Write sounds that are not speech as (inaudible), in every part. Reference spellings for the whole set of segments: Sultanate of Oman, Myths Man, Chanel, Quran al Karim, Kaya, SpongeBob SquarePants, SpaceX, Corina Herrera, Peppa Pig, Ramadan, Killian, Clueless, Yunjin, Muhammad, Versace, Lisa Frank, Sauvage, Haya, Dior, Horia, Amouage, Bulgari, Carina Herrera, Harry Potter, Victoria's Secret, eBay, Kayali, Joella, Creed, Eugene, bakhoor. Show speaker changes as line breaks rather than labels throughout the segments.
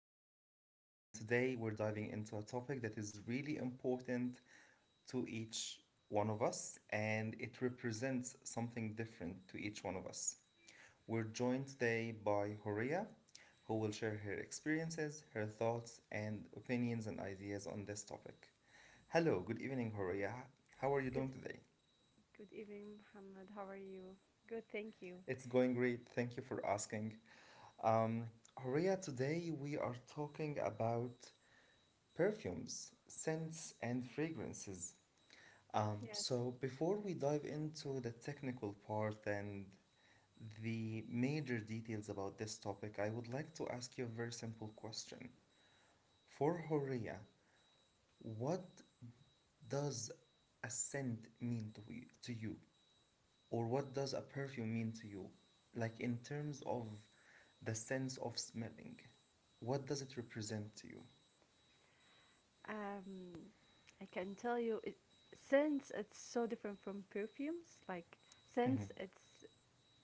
Muhammad, and today we're diving into a topic that is really important to each one of us, and it represents something different to each one of us. We're joined today by Horia, who will share her experiences, her thoughts, and opinions and ideas on this topic. Hello, good evening, Horia. How are you
Good
doing today?
good evening, Muhammad. How are you? Good, thank you.
It's going great. Thank you for asking. Um, Horia, today we are talking about perfumes, scents, and fragrances.
Yes.
Before we dive into the technical part and the major details about this topic, I would like to ask you a very simple question. For Horia, what does a scent mean to you? To you? Or what does a perfume mean to you? Like in terms of the sense of smelling, what does it represent to you?
Um, I can tell you it, since it's so different from perfumes, like
Mm-hmm.
since it's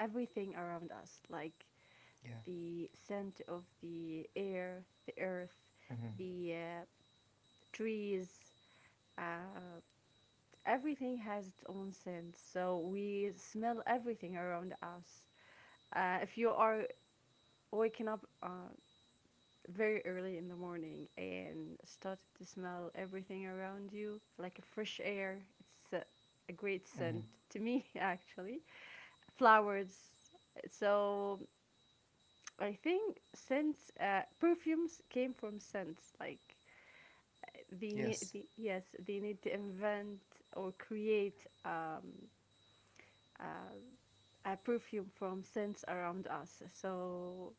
everything around us, like
Yeah.
the scent of the air, the earth, the trees, uh, everything has its own scent. So we smell everything around us. If you are waking up very early in the morning and started to smell everything around you like a fresh air. It's a great scent
Mhm.
to me, (laughs) actually. Flowers. So I think scents, perfumes came from scents. Like
Yes.
yes, they need to invent or create uh, a perfume from scents around us. So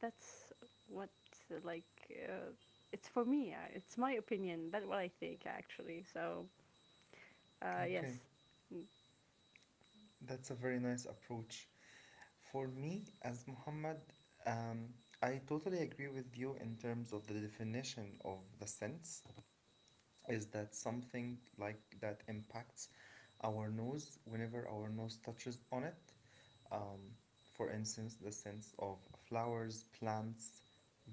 that's what uh, like uh, it's for me. It's my opinion. That's what I think actually. So
Okay.
yes,
That's a very nice approach. For me, as Muhammad, um, I totally agree with you in terms of the definition of the sense is that something like that impacts our nose whenever our nose touches on it. Um, for instance, the sense of flowers, plants,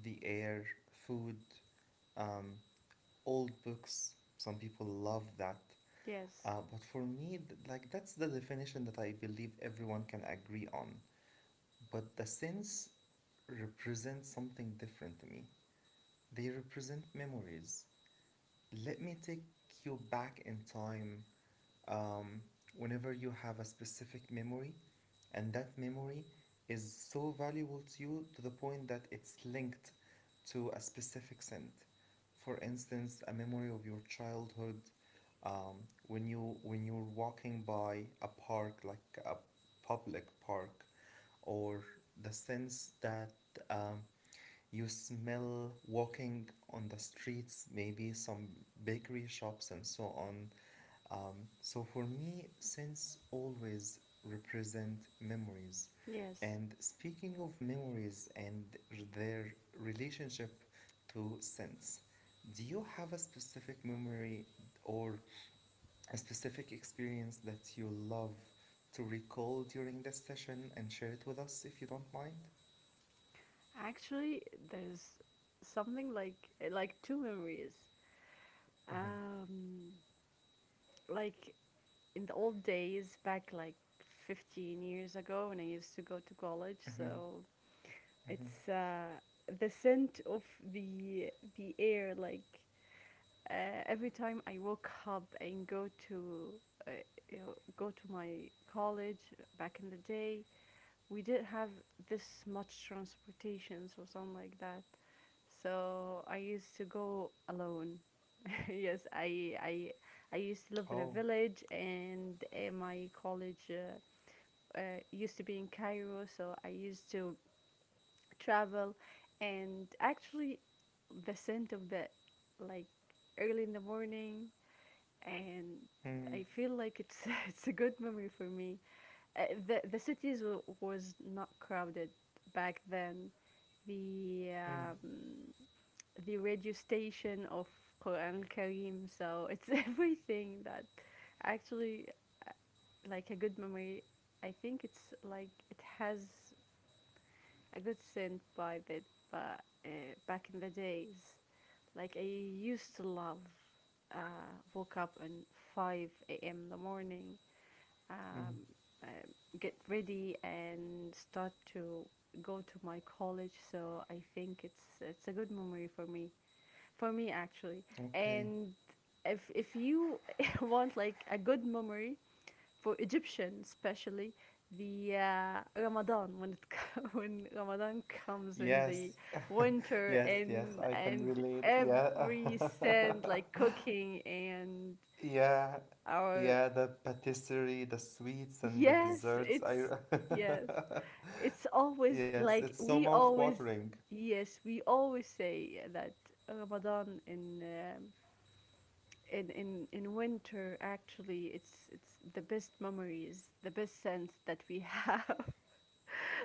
the air, food, um, old books. Some people love that.
yes,
But for me, like that's the definition that I believe everyone can agree on. But the sense represent something different to me. They represent memories. Let me take you back in time, um, whenever you have a specific memory and that memory is so valuable to you to the point that it's linked to a specific scent. For instance, a memory of your childhood, when you're walking by a park like a public park, or the sense that um, you smell walking on the streets, maybe some bakery shops, and so on. So for me, scents always represent memories.
yes.
And speaking of memories and their relationship to scents, do you have a specific memory or a specific experience that you love to recall during this session and share it with us if you don't mind?
Actually, there's something like two memories.
Mm-hmm.
Um, like in the old days, back like 15 years ago, when I used to go to college.
Mm-hmm.
So
Mm-hmm.
it's the scent of the air, like every time I woke up and go to uh, go to my college back in the day, we didn't have this much transportations or something like that. So I used to go alone. (laughs) Yes, I, I used to live in a
Oh.
village, and my college used to be in Cairo. So I used to travel, and actually, the scent of the like early in the morning and
Mm,
I feel like it's (laughs) it's a good memory for me. The cities was not crowded back then. The
mm,
um, the radio station of Quran al Karim, so it's (laughs) everything that actually like a good memory. I think it's like it has I got sent by that but back in the days. Like I used to love uh, woke up at 5 a.m. in the morning,
mm.
um, uh, get ready and start to go to my college. So I think it's a good memory for me actually.
Okay.
And if you (laughs) want like a good memory, for Egyptian especially the Ramadan when (laughs) when Ramadan comes in the
Yes. (laughs)
winter
Yes, yes,
and
I can
and
relate. Yeah.
every scent like
(laughs)
cooking and
Yeah.
our
Yeah, the patisserie, the sweets and the
yes
desserts. I.
it's yes
(laughs)
it's always
Yes, it's
like
so
we always
mouth-watering.
yes we always say that Ramadan in winter actually it's the best memories the best sense that we (laughs) have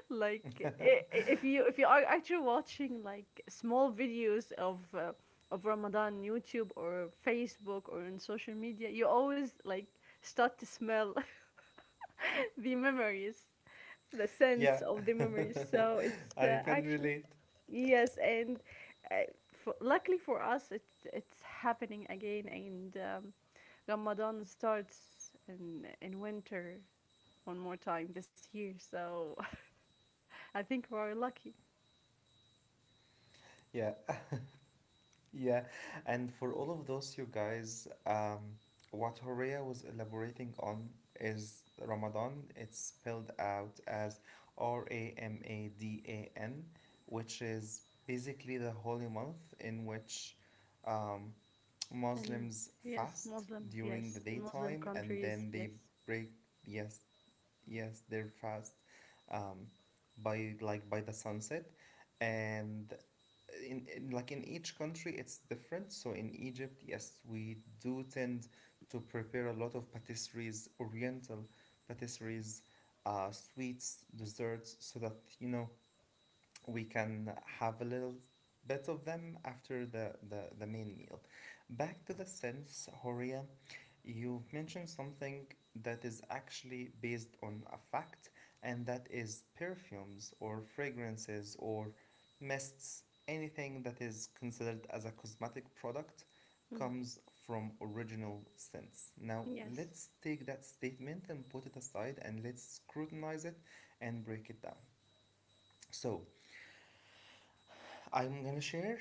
like
(laughs)
if you are actually watching like small videos of Ramadan on YouTube or Facebook or on social media, you always like start to smell (laughs) the memories, the sense
Yeah.
of the memories. So it's
(laughs) I can
actually
relate.
yes, and uh, for, luckily for us, it's happening again, and Ramadan starts in winter one more time this year. So (laughs) I think we're lucky.
Yeah. (laughs) Yeah, and for all of those, you guys, what Horea was elaborating on is Ramadan. It's spelled out as Ramadan, which is basically the holy month in which um,
And
Muslims
yes,
fast
Muslim,
during the
yes. In Muslim
daytime and
countries,
then
yes.
they break, yes. Yes, they're fast, um, by like by the sunset, and in like in each country it's different. So in Egypt, yes, we do tend to prepare a lot of patisseries, oriental patisseries, sweets, desserts, so that you know we can have a little bit of them after the main meal. Back to the sense, Horia, you've mentioned something that is actually based on a fact, and that is perfumes or fragrances or mists. Anything that is considered as a cosmetic product
Mm.
comes from original sense. Now,
Yes.
let's take that statement and put it aside and let's scrutinize it and break it down. So, I'm gonna share,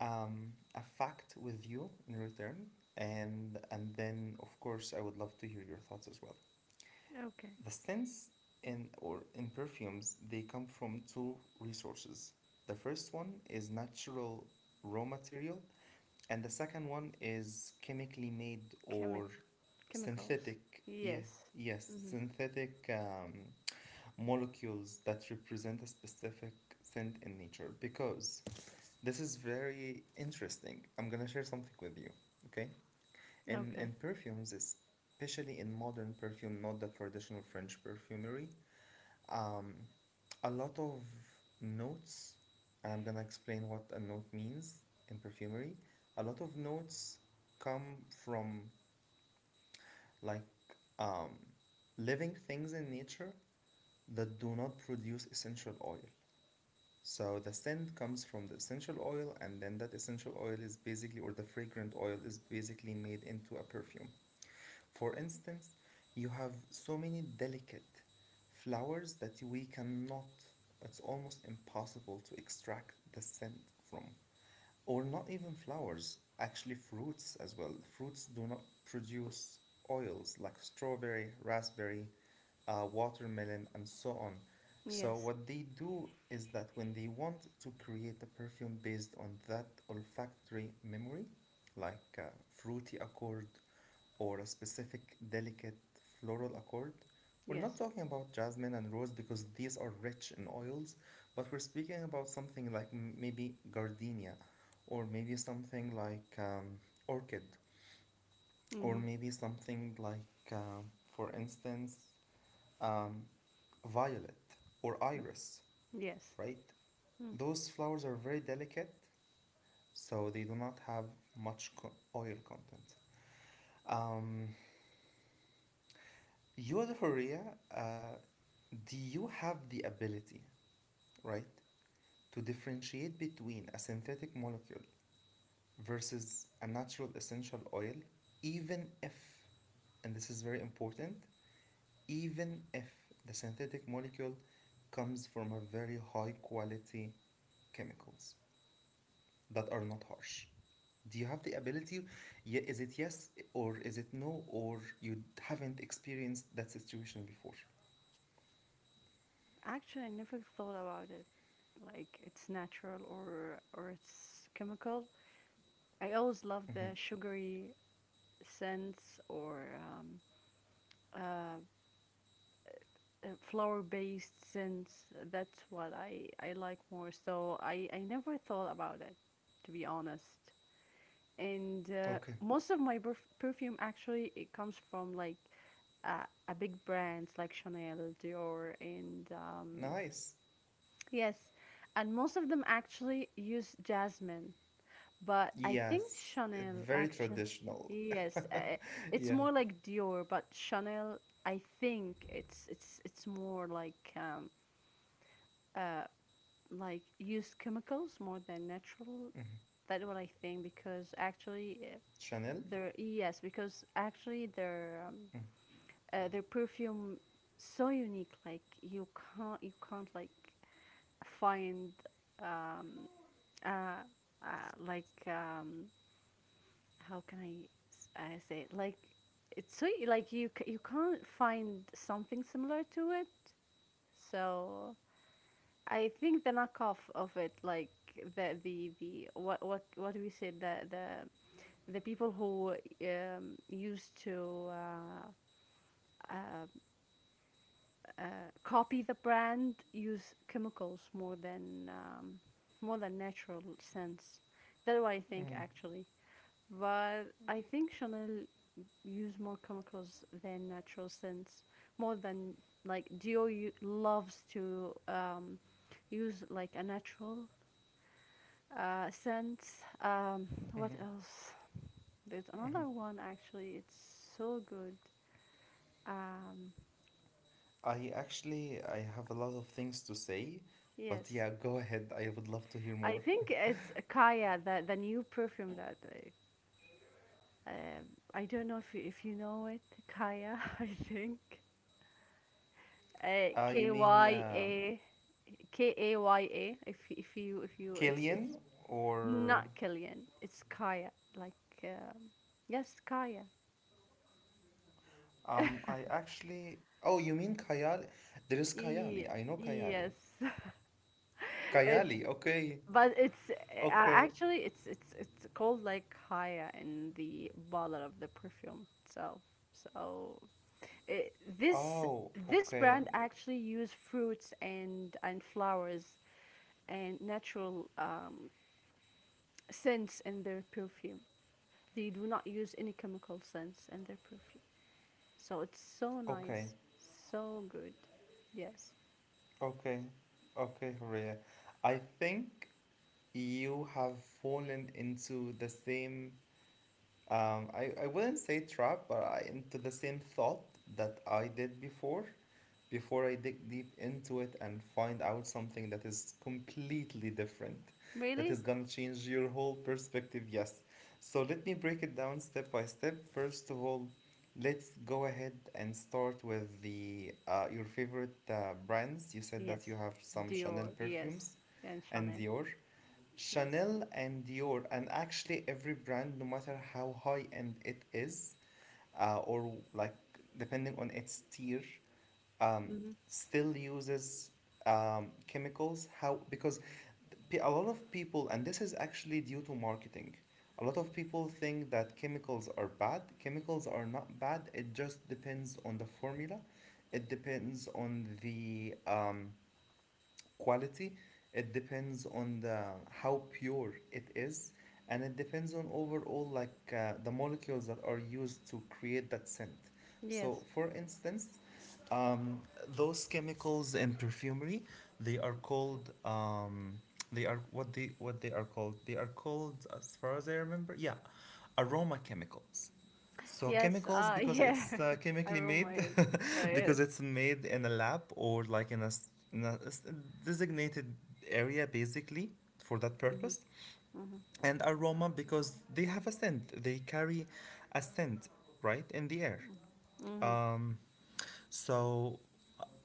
a fact with you in return, and then of course I would love to hear your thoughts as well.
Okay.
The scents in or in perfumes they come from two resources. The first one is natural raw material, and the second one is chemically made
Chemic
or
Chemicals.
synthetic. Yeah,
Yes.
yes,
Hmm.
synthetic, molecules that represent a specific scent in nature. Because this is very interesting. I'm gonna share something with you. Okay. In
Okay.
perfumes, especially in modern perfume, not the traditional French perfumery. Um, a lot of notes, and I'm gonna explain what a note means in perfumery. A lot of notes come from like, um, living things in nature that do not produce essential oil. So the scent comes from the essential oil, and then that essential oil is basically, or the fragrant oil is basically made into a perfume. For instance, you have so many delicate flowers that we cannot, it's almost impossible to extract the scent from, or not even flowers, actually fruits as well. Fruits do not produce oils like strawberry, raspberry, watermelon, and so on. So,
Yes.
what they do is that when they want to create a perfume based on that olfactory memory, like a fruity accord or a specific delicate floral accord, we're
Yes.
not talking about jasmine and rose because these are rich in oils, but we're speaking about something like maybe gardenia, or maybe something like orchid, or
Hmm.
maybe something like, for instance, um, violet or iris,
Yes.
right?
Mm.
Those flowers are very delicate, so they do not have much oil content. Um, you, Horia, uh, do you have the ability, right, to differentiate between a synthetic molecule versus a natural essential oil, even if, and this is very important, even if the synthetic molecule comes from a very high quality chemicals that are not harsh. Do you have the ability? Yeah, is it yes or is it no or you haven't experienced that situation before?
Actually, I never thought about it. Like it's natural or it's chemical. I always love
Hmm.
the sugary scents or um, uh, flower-based scents. That's what I like more. So I never thought about it, to be honest. And
Okay,
most of my perfume actually it comes from like a big brands like Chanel, Dior, and
nice.
yes, and most of them actually use jasmine. But I think
Yes,
Chanel
very
actually,
traditional.
yes,
(laughs)
it's
Yeah.
more like Dior, but Chanel, I think it's more uh, like used chemicals more than
Mhm.
natural. That's what I think because actually
Chanel?
their yes because actually
Mm,
their perfume so unique like you can't like find um, uh, uh, like um, how can I, I say it? Like it's so like you can't find something similar to it so I think the knockoff of it, like the what do we say the people who used to uh, uh, copy the brand use chemicals more than natural scents. That's what I think
mm.
actually. But I think Chanel use more chemicals than natural scents. More than like Dior loves to use like a natural. Since What else? There's another one actually. It's so good. Um,
I actually I have a lot of things to say, but
yes,
yeah, go ahead. I would love to hear
I
more.
think it's Kaya, the new perfume that um I don't know if you know it. Kaya, (laughs) I think.
You
K
mean,
Y A K A Y A. If you it's
Killian or
not Killian. It's Kaya. Like um, yes, Kaya.
um? I actually, oh, you mean Kayali? There is
E-
Kayali. I know Kayali.
yes. (laughs) it's
Kayali. Okay.
But it's
Okay.
actually it's called like Haya in the bottle of the perfume itself. So it,
Oh.
this
Okay.
brand actually use fruits and flowers and natural scents in their perfume. They do not use any chemical scents in their perfume. So it's so
Okay.
nice, so good. Yes.
Okay. Okay, Horea. I think you have fallen into the same, I wouldn't say trap, but I into the same thought that I did before, before I dig deep into it and find out something that is completely different, that
Really?
is gonna change your whole perspective. Yes. So let me break it down step by step. First of all, let's go ahead and start with the your favorite brands. You said that
Yes.
you have some Chanel
Dior. Yes.
perfumes
And
and
Chanel.
Dior.
Yes.
Chanel and Dior, and actually every brand, no matter how high end it is, or like depending on its tier, um,
Hmm.
still uses, chemicals. How because a lot of people, and this is actually due to marketing. A lot of people think that chemicals are bad. Chemicals are not bad. It just depends on the formula. It depends on the, quality, it depends on the how pure it is, and it depends on overall like the molecules that are used to create that scent. So
Yes.
for instance, um, those chemicals in perfumery they are called, they are what they are called as far as I remember, yeah, aroma chemicals. So
Yes,
chemicals
(laughs)
because
yeah,
it's chemically
aroma
made,
is,
(laughs)
yes.
because it's made in a lab or like in a, in a designated area basically for that
Hmm.
purpose. And aroma because they have a scent. They carry a scent, right, in the air.
Hmm. Hmm.
Um, so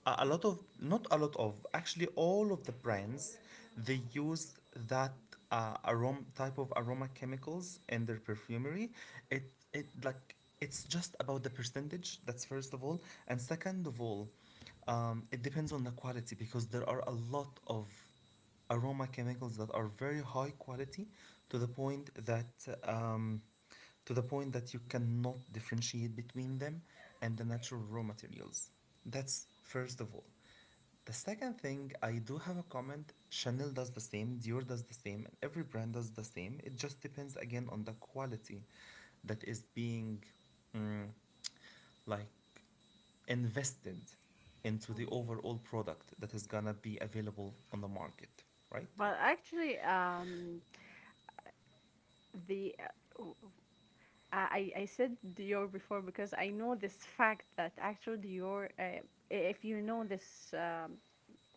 a lot of, not a lot of, actually all of the brands they use that aroma type of aroma chemicals in their perfumery. It it like it's just about the percentage. That's first of all, and second of all, it depends on the quality because there are a lot of aroma chemicals that are very high quality to the point that, um, to the point that you cannot differentiate between them and the natural raw materials. That's first of all. The second thing, I do have a comment. Chanel does the same, Dior does the same, and every brand does the same. It just depends again on the quality that is being, mm, like invested into the overall product that is gonna be available on the market, right?
But actually, the w- I said Dior before because I know this fact that actually Dior, if you know this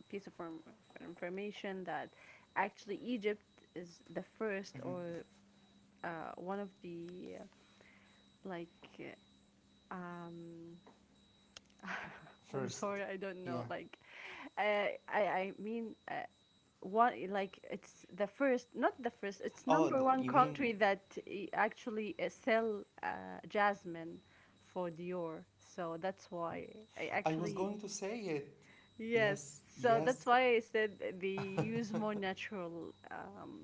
piece of information that actually Egypt is the first or one of the uh, like uh, um. (laughs) I'm
First,
sorry, I don't know.
yeah.
Like, I mean, one like it's the first not the first it's
Oh,
number one
you mean,
country that actually sell jasmine for Dior so that's why I
I was
actually
going to say it.
yes
Yes,
so that's
yes.
why I said they use more natural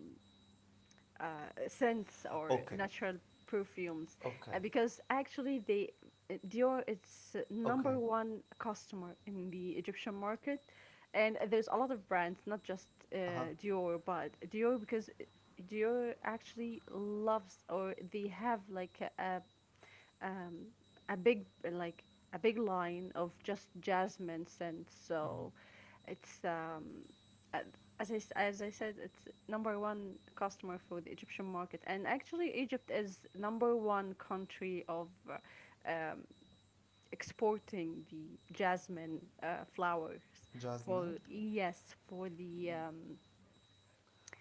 uh, scents or
Okay,
natural perfumes
okay,
because actually they Dior is number
okay.
one customer in the Egyptian market and there's a lot of brands not just uh,
Uh huh.
Dior but Dior because Dior actually loves or they have like um, a big like a big line of just jasmine scent. So
Mm-hmm.
it's a- as as I said, it's number one customer for the Egyptian market, and actually Egypt is number one country of exporting the jasmine flowers
Jasmine.
for yes for the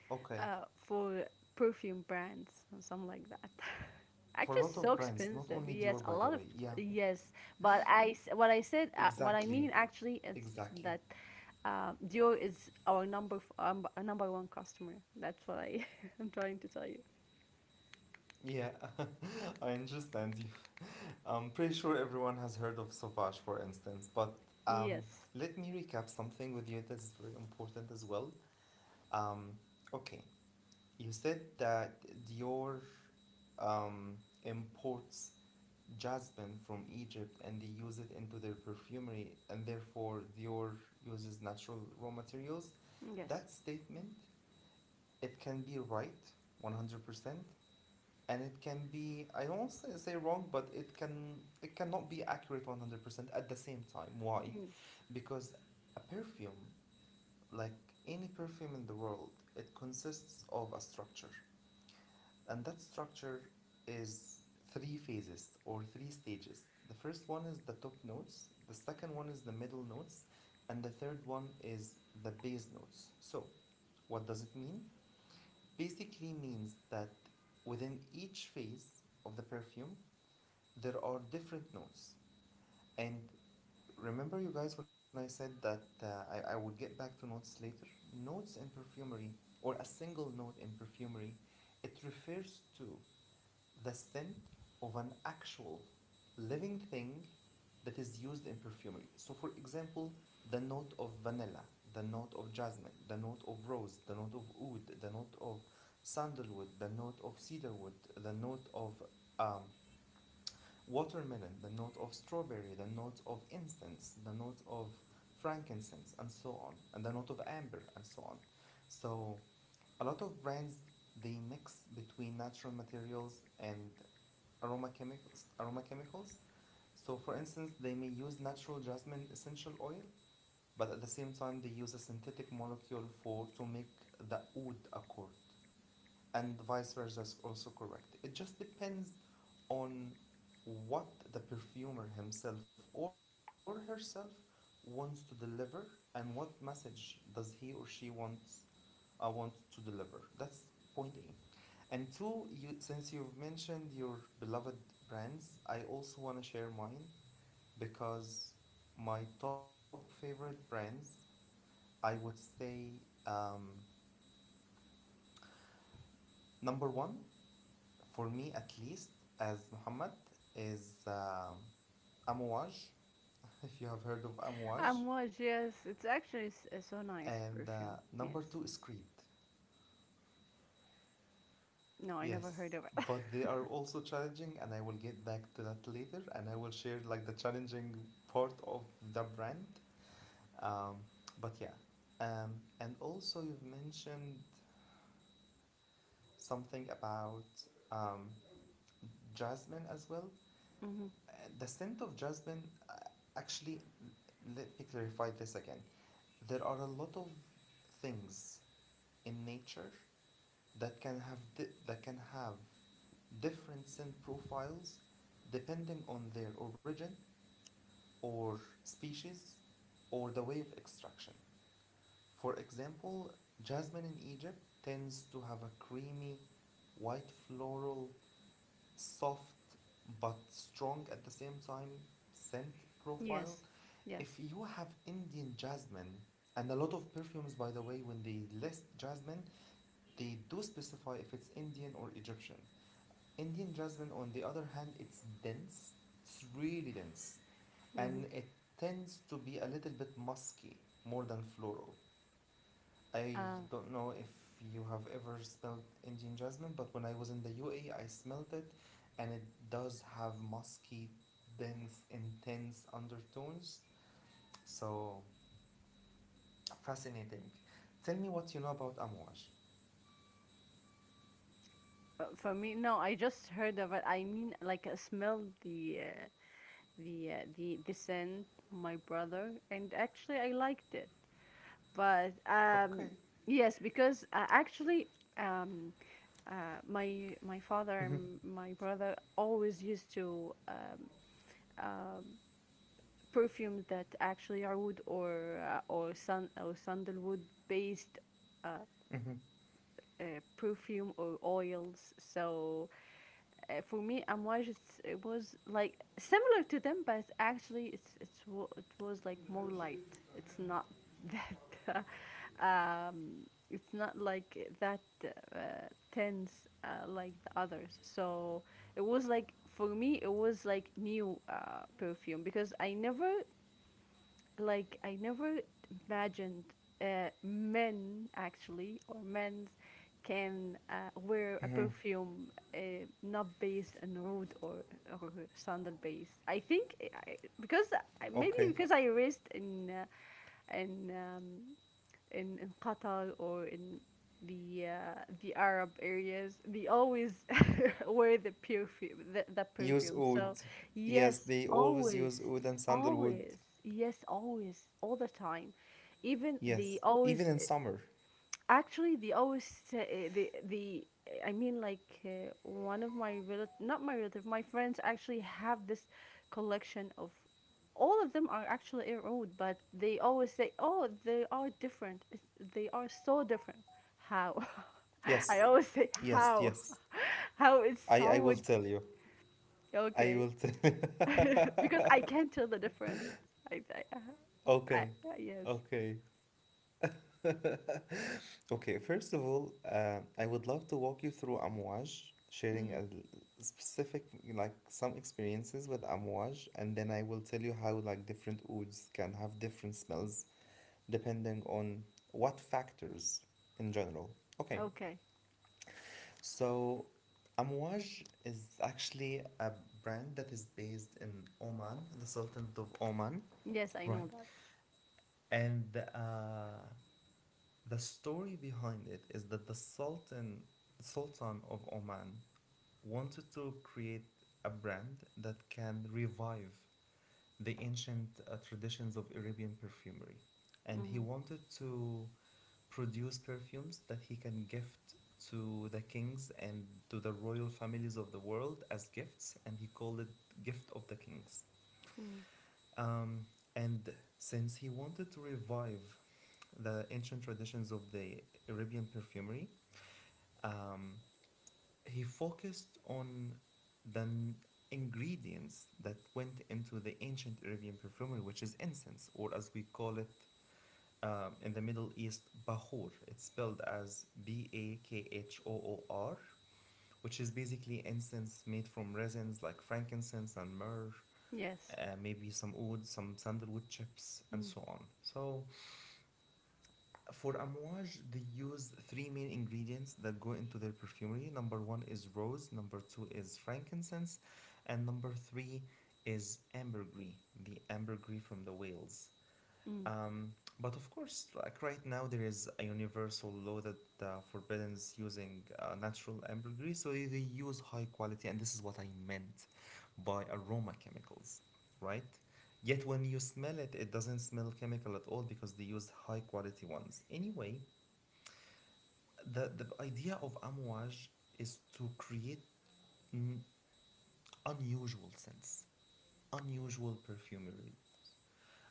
Okay.
for perfume brands or something like that. (laughs)
For a
Actually,
lot
so
of brands, not
expensive.
only
Yes,
Dior,
a
by the
lot of
way. Yeah,
yes. But what I said what I
exactly,
mean actually is
exactly.
that Dior is our our number one customer. That's what I (laughs) am trying to tell you.
Yeah, (laughs) I understand you. I'm pretty sure everyone has heard of Sauvage, for instance, but, um,
Yes,
let me recap something with you that's very important as well. Um, okay, you said that Dior, um, imports jasmine from Egypt and they use it into their perfumery and therefore Dior uses natural raw materials,
yes.
that statement it can be right 100% and it can be I don't say, say wrong but it can it cannot be accurate 100% at the same time. Why?
Mm.
Because a perfume like any perfume in the world, it consists of a structure. And that structure is three phases or three stages. The first one is the top notes, the second one is the middle notes, and the third one is the bass notes. So, what does it mean? Basically means that within each phase of the perfume, there are different notes. And remember, you guys, when I said that I would get back to notes later, notes in perfumery or a single note in perfumery, it refers to the scent of an actual living thing that is used in perfumery. So, for example, the note of vanilla, the note of jasmine, the note of rose, the note of oud, the note of sandalwood, the note of cedarwood, the note of um, watermelon, the note of strawberry, the note of incense, the note of frankincense, and so on, and the note of amber, and so on. So, a lot of brands, they mix between natural materials and aroma chemicals, so for instance, they may use natural jasmine essential oil, but at the same time they use a synthetic molecule for to make the oud accord, and vice versa is also correct. It just depends on what the perfumer himself or herself wants to deliver, and what message does he or she want to deliver. That's point A, and two, you since you've mentioned your beloved brands, I also want to share mine. Because my top favorite brands, I would say, um, number one, for me at least, as Muhammad, is Amouage, (laughs) if you have heard of Amouage,
And Was yes. It's actually so nice
and
perfume.
number
Yes.
two is Creed.
No, I
Yes,
never heard of it.
but they are also challenging, and I will get back to that later, and I will share like the challenging part of the brand. Um, but yeah, um, and also you've mentioned something about um, jasmine as well.
(laughs) Hmm.
Uh, the scent of jasmine, actually, let me clarify this again. There are a lot of things in nature that can have that can have different scent profiles depending on their origin or species or the way of extraction. For example, jasmine in Egypt tends to have a creamy, white floral, soft but strong at the same time scent profile.
Yes, yes.
If you have Indian jasmine, and a lot of perfumes, by the way, when they list jasmine, they do specify if it's Indian or Egyptian. Indian jasmine, on the other hand, it's dense, it's really dense,
Hmm.
and it tends to be a little bit musky more than floral. I
Uh.
don't know if you have ever smelled Indian jasmine, but when I was in the UAE, I smelled it, and it does have musky, dense, intense undertones. So fascinating. Tell me what you know about Amouage.
For me, no, I just heard of it. I mean, like, I smelled the the scent, my brother, and actually, I liked it. But
Okay.
yes, because actually, um, my father and my brother always used to perfumes that actually are wood or sun or sandalwood based uh,
Mm-hmm.
uh, perfume or oils. So for me, Amouage it's, it was like similar to them, but actually it was like more light. It's not (laughs) that it's not like that uh, tense like the others. So it was like for me, it was like new perfume because I never like I never imagined men actually or men's can wear a
Mm-hmm.
perfume not based on road or sandal based. I think because maybe
Okay.
because I raised in in um, in Qatar or in the Arab areas, they always (laughs) wear the perfume the
Use
perfume
oud.
so
Yes,
yes
they always
always
use oud and sandalwood.
always yes always all the time even the
Yes, even
always
in summer.
actually the always the I mean like one of my relative not my relative my friends actually have this collection of all of them are actually old but they always say oh they are different it's, they are so different how (laughs) I
Yes,
always say
yes,
how
yes.
(laughs) how it's
I
so
will tell you. I
Okay.
will tell.
(laughs) Because
(laughs)
I can't tell the difference. I, I, I
Okay,
yes.
okay, okay. First of all, I would love to walk you through Amouage, sharing
Mm.
specific, like some experiences with Amouage, and then I will tell you how like different woods can have different smells depending on what factors in general. Okay,
Okay.
so Amouage is actually a brand that is based in Oman, the Sultanate of Oman.
Yes, I know
Right.
that.
And the story behind it is that the Sultan, Sultan of Oman, wanted to create a brand that can revive the ancient traditions of Arabian perfumery. And he
Mm.
wanted to produce perfumes that he can gift to the kings and to the royal families of the world as gifts, and he called it Gift of the Kings.
Mm.
Um, and since he wanted to revive the ancient traditions of the Arabian perfumery, Um, he focused on the ingredients that went into the ancient Arabian perfumery, which is incense, or as we call it in the Middle East, bahur. It's spelled as Bakhoor, which is basically incense made from resins like frankincense and myrrh,
Yes.
maybe some wood, some sandalwood chips, and
Mm.
so on. So for Amouage, they use three main ingredients that go into their perfumery. Number one is rose, number two is frankincense, and number three is ambergris, the ambergris from the Wales.
Mm.
Um, but of course, like right now, there is a universal law that forbids using natural ambergris, so they use high quality, and this is what I meant by aroma chemicals, right? Yet when you smell it, it doesn't smell chemical at all because they use high quality ones. Anyway, the idea of Amouage is to create, mm, unusual scents, unusual perfumery,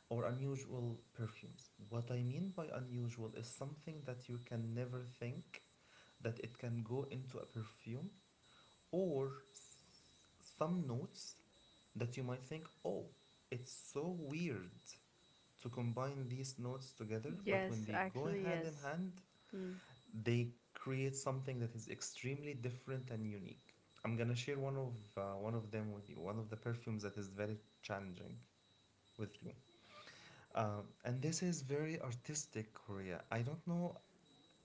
or unusual perfumes. What I mean by unusual is something that you can never think that it can go into a perfume, or s- some notes that you might think, oh, it's so weird to combine these notes together, but when
Yes,
they go
actually,
hand in
yes.
hand,
Mm.
they create something that is extremely different and unique. I'm gonna share one of them with you, one of the perfumes that is very challenging with you. And this is very artistic, Korea. I don't know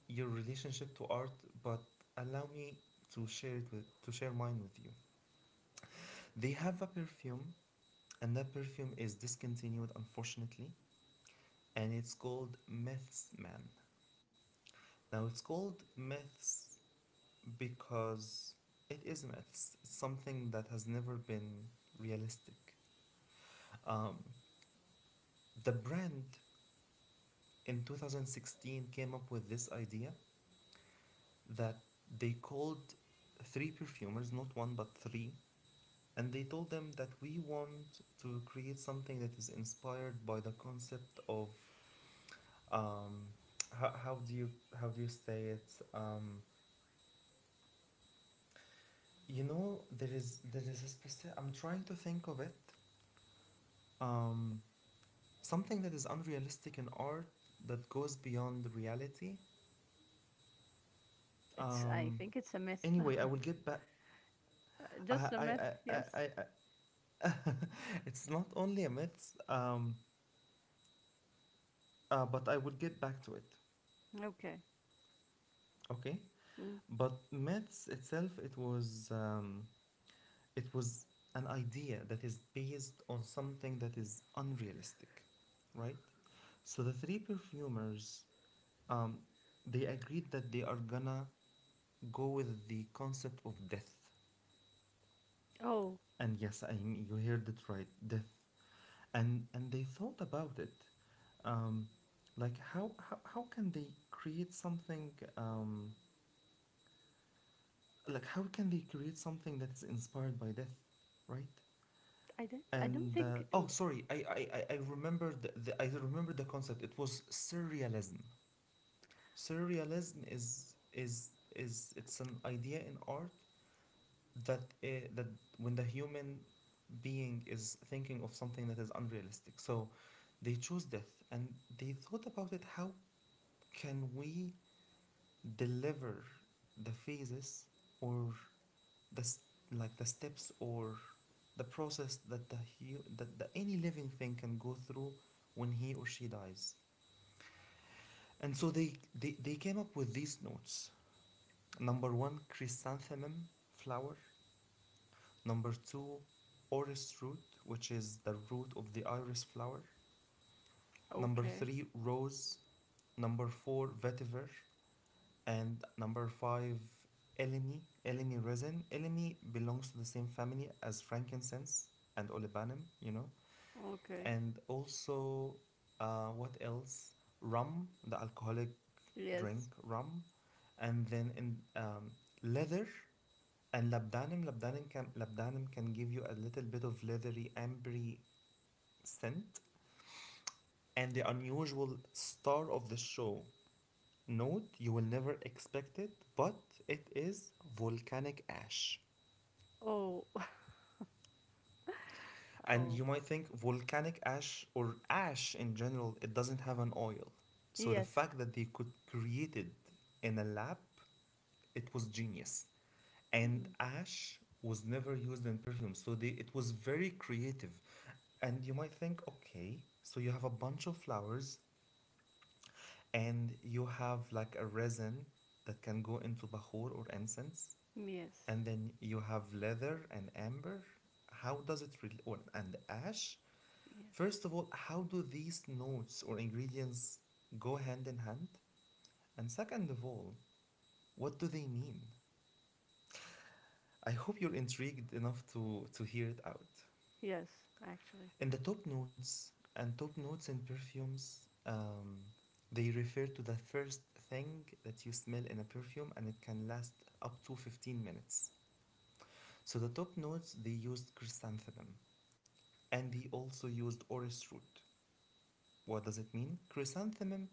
your relationship to art, but allow me to share mine with you. They have a perfume, and that perfume is discontinued, unfortunately, and it's called Myths Man. Now it's called Myths because it is myths. It's something that has never been realistic. Um, the brand in 2016 came up with this idea that they called three perfumers, not one but three, and they told them that we want to create something that is inspired by the concept of um, how, how do you say it? You know, there is a specific. I'm trying to think of it. Um, Something that is unrealistic in art, that goes beyond reality.
It's. I
Um,
think it's a myth. (laughs)
anyway, I will get back. I
Just a
I,
myth.
I,
Yes.
I (laughs) It's not only a myth, but I will get back to it.
Okay.
Okay,
Mm.
but myths itself, it was an idea that is based on something that is unrealistic, right? So the three perfumers, um, they agreed that they are gonna go with the concept of death.
Oh,
And yes, I mean, you heard it right, death. And they thought about it, um, like how, how can they create something, um, like how can they create something that is inspired by death, right?
I don't. I don't
And
think.
oh
Mm.
sorry, I remembered the I remembered the concept, it was surrealism. Surrealism is it's an idea in art that that when the human being is thinking of something that is unrealistic. So they chose death, and they thought about it, how can we deliver the phases or the s- like the steps or the process that that the, any living thing can go through when he or she dies. And so they came up with these notes: number one, chrysanthemum flower; number two, orris root, which is the root of the iris flower; number
Okay.
three, rose; number four, vetiver; and number five, elemi, elemi resin. Elemi belongs to the same family as frankincense and olibanum, you know.
Okay.
And also, what else? Rum, the alcoholic
Yes.
drink, rum. And then in leather and labdanum. Labdanum can give you a little bit of leathery, ambery scent. And the unusual star of the show, note, you will never expect it, but it is volcanic ash.
Oh. (laughs)
And
Oh.
you might think volcanic ash or ash in general, it doesn't have an oil. So the
Yes.
fact that they could create it in a lab, it was genius. And
Mm.
ash was never used in perfume. So they, it was very creative. And you might think, okay, so you have a bunch of flowers and you have like a resin that can go into bahur or incense, and
Yes.
then you have leather and amber. How does it rel or, and ash?
Yes.
First of all, how do these notes or ingredients go hand in hand? And second of all, what do they mean? I hope you're intrigued enough to hear it out.
Yes. Actually.
In the top notes, and top notes in perfumes, they refer to the first thing that you smell in a perfume, and it can last up to 15 minutes. So the top notes, they used chrysanthemum and he also used orris root. What does it mean? Chrysanthemum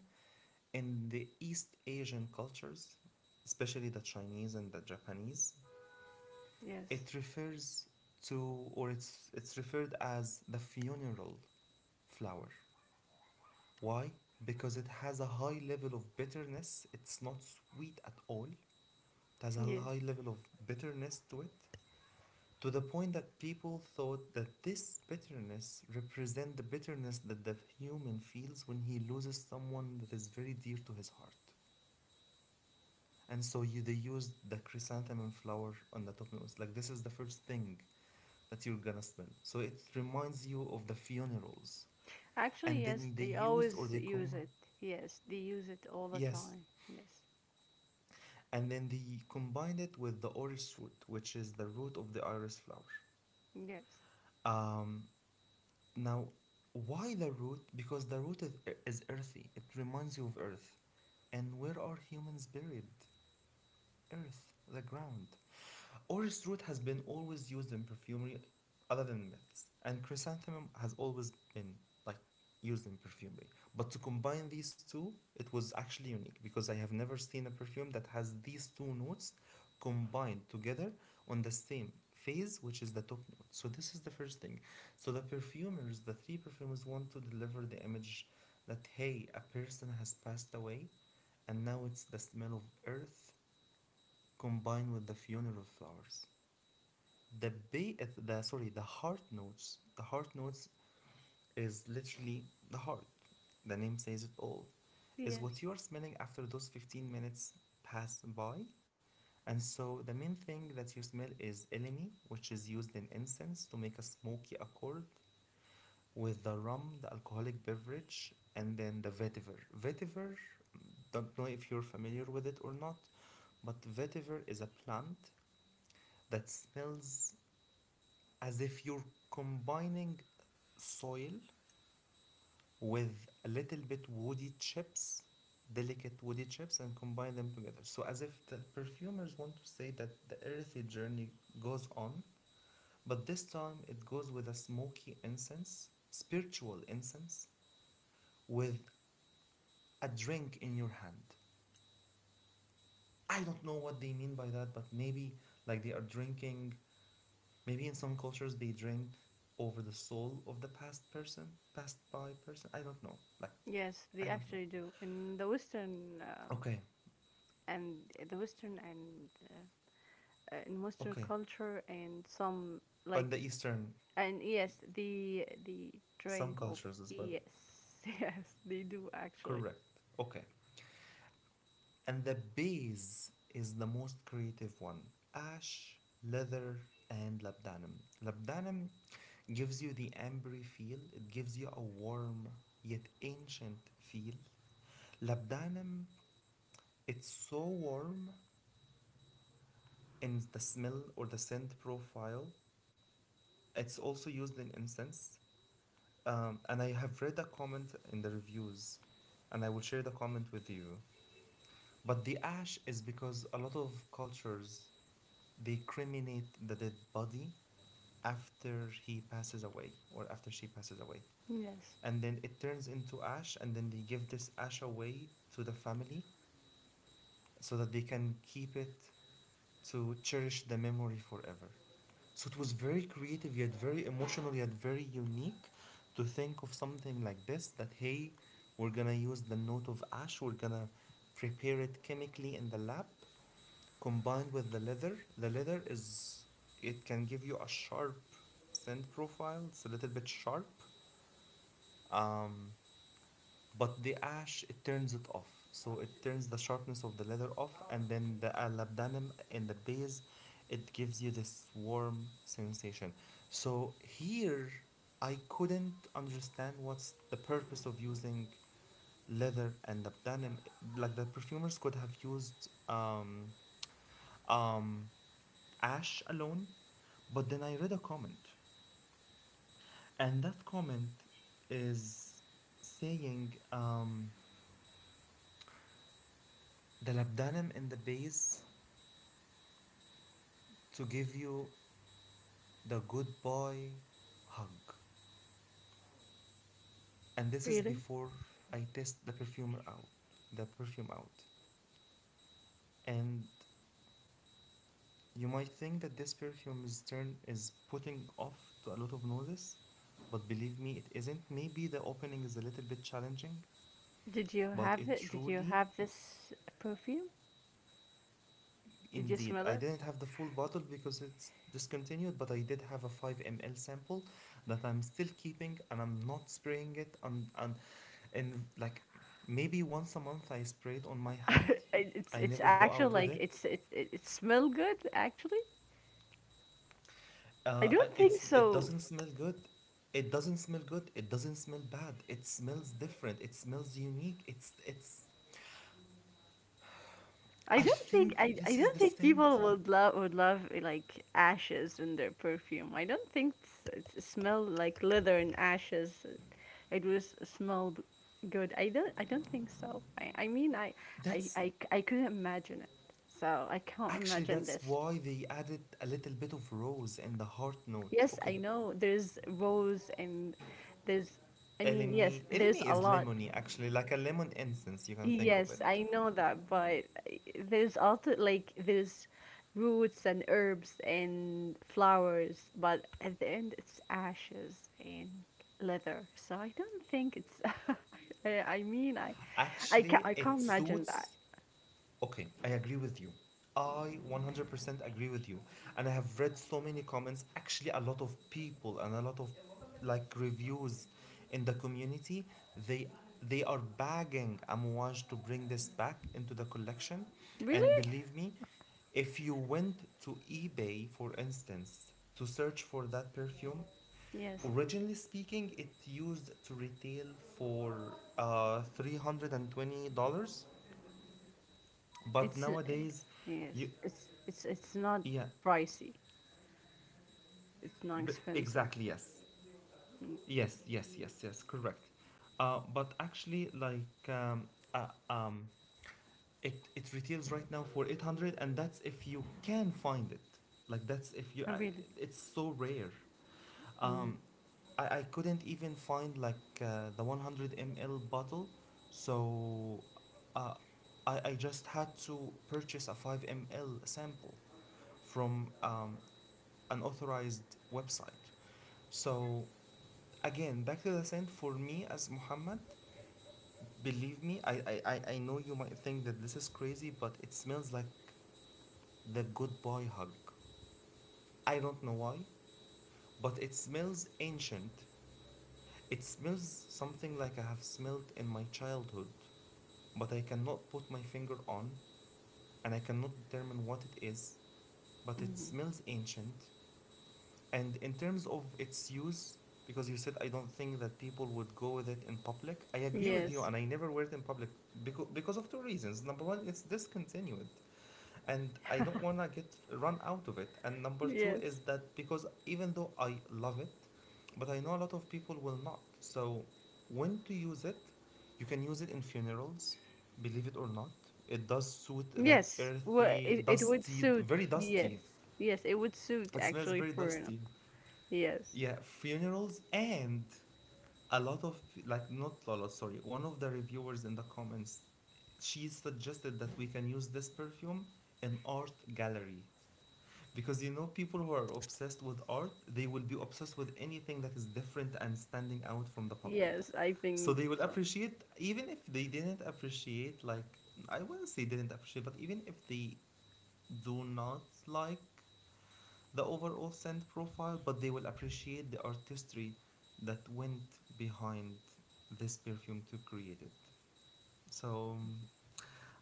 in the East Asian cultures, especially the Chinese and the Japanese,
Yes.
it refers to, or it's referred as the funeral flower. Why? Because it has a high level of bitterness. It's not sweet at all. It has a
Yes.
high level of bitterness to it, to the point that people thought that this bitterness represent the bitterness that the human feels when he loses someone that is very dear to his heart. And so you, they used the chrysanthemum flower on the top notes. Like this is the first thing that you're gonna smell, so it reminds you of the funerals.
Actually,
And
yes,
then they
they
used or
always
they
use
come
it. Yes, they use it all the
yes.
time. Yes,
And then they combined it with the orris root, which is the root of the iris flower.
yes,
Um, Now, why the root? Because the root is earthy. It reminds you of earth. And where are humans buried? Earth, the ground. Orris root has been always used in perfumery other than myths, and chrysanthemum has always been like used in perfumery. But to combine these two, it was actually unique because I have never seen a perfume that has these two notes combined together on the same phase, which is the top note. So this is the first thing. So the three perfumers want to deliver the image that, hey, a person has passed away, and now it's the smell of earth combined with the funeral flowers. The heart notes, the heart notes, is literally the heart. The name says it all. Is what
yes,
you are smelling after those 15 minutes pass by. And so the main thing that you smell is elemi, which is used in incense to make a smoky accord with the rum, the alcoholic beverage, and then the vetiver. Don't know if you're familiar with it or not, but vetiver is a plant that smells as if you're combining soil with a little bit woody chips, delicate woody chips, and combine them together. So, as if the perfumers want to say that the earthy journey goes on, but this time it goes with a smoky incense, spiritual incense, with a drink in your hand. I don't know what they mean by that, but maybe like they are drinking. Maybe in some cultures they drink over the soul of the past person, passed by person. I don't know. Like,
yes,
I
they
don't know.
actually do. In the Western
Okay,
and the Western and in Western
okay.
culture and some
On the
like
Eastern,
and yes, the
some
drink of
cultures as well.
yes, (laughs) yes, they do actually.
Correct. Okay. And the base is the most creative one: ash, leather, and labdanum. Labdanum gives you the ambery feel, it gives you a warm yet ancient feel. Labdanum, it's so warm in the smell or the scent profile. It's also used in incense. And I have read a comment in the reviews, and I will share the comment with you. But the ash is because a lot of cultures, they cremate the dead body after he passes away or after she passes away.
Yes,
And then it turns into ash, and then they give this ash away to the family so that they can keep it to cherish the memory forever. So it was very creative, yet very emotional, yet very unique to think of something like this that, hey, we're gonna use the note of ash, we're gonna prepare it chemically in the lab, combined with the leather. The leather is, it can give you a sharp scent profile, it's a little bit sharp. Um, but the ash, it turns it off. So it turns the sharpness of the leather off, and then the labdanum in the base, it gives you this warm sensation. So here, I couldn't understand what's the purpose of using leather and labdanum. Like, the perfumers could have used um, ash alone, but then I read a comment, and that comment is saying, the labdanum in the base to give you the good boy hug. And this is
really.
before I test the perfume out. And you might think that this perfume's turn is putting off to a lot of noses, but believe me, it isn't. Maybe the opening is a little bit challenging,
Did you
but
have
it
it? Did you
truly.
have this perfume? Did you
Indeed,
smell
I
it?
didn't have the full bottle because it's discontinued, but I did have a 5 ml sample that I'm still keeping, and I'm not spraying it on. And and like maybe once a month I spray it on my hand.
(laughs)
I
It's
never go
actually
out with
like
it.
it smell good actually. I don't think
It's, it
so.
doesn't smell good. It doesn't smell good. It doesn't smell bad. It smells different. It smells unique. It's, it's.
I
I
don't think
think
I
this is
don't
the
think people
scent.
would love like ashes in their perfume. I don't think it smell like leather and ashes. It was smelled good. I don't think so.
That's
I couldn't imagine it. So I can't
Actually,
imagine
that's
this.
why they added a little bit of rose in the heart note.
Yes,
Okay.
I know there's rose and there's yes,
Elemi.
there's
Elemi
a
is
lot.
lemony, actually, like a lemon incense, you can think of
Yes,
it.
I know that, but there's also there's roots and herbs and flowers, but at the end it's ashes and leather. So I don't think it's. (laughs) I, I mean, I, I can't,
Actually, it
imagine that.
suits. Okay, I agree with you. I 100% agree with you. And I have read so many comments, actually, a lot of people and a lot of like reviews in the community. They they are begging Amouage to bring this back into the collection.
Really?
And believe me, if you went to eBay, for instance, to search for that perfume,
Yes,
originally speaking, it used to retail for $320, but
it's
nowadays,
yes,
you,
it's it's not
yeah,
pricey. It's not expensive.
exactly, yes.
Mm.
Yes, yes, yes, yes, correct. But actually, like, it, it retails right now for 800, and that's if you can find it. Like, that's if you,
Oh, really?
it's so rare.
Mm.
Um, I couldn't even find, like, the 100 ml bottle, so uh, I just had to purchase a 5 ml sample from an authorized website. So again, back to the saint for me as Muhammad, believe me, I know you might think that this is crazy, but it smells like the good boy hug. I don't know why, but it smells ancient. It smells something like I have smelled in my childhood, but I cannot put my finger on, and I cannot determine what it is, but it
Mm-hmm.
smells ancient. And in terms of its use, because you said I don't think that people would go with it in public, I agree with you,
Yes,
and I never wear it in public because of 2 reasons. Number one, it's discontinued, and I don't wanna get run out of it. And number two is
yes.
that because even though I love it, but I know a lot of people will not. So when to use it, you can use it in funerals, believe it or not. It does suit that
Yes, well,
earthy,
it would
dusty,
suit.
very
Yes,
dusty.
yes, it would suit
It smells
actually
very
for an.
dusty.
Yes,
Yeah, funerals and a lot of like, not a sorry one of the reviewers in the comments, she suggested that we can use this perfume in art gallery, because you know people who are obsessed with art, they will be obsessed with anything that is different and standing out from the public.
yes, I
So
think
they will
so.
appreciate, even if they didn't appreciate, like, I wouldn't say didn't appreciate, but even if they do not like the overall scent profile, but they will appreciate the artistry that went behind this perfume to create it. So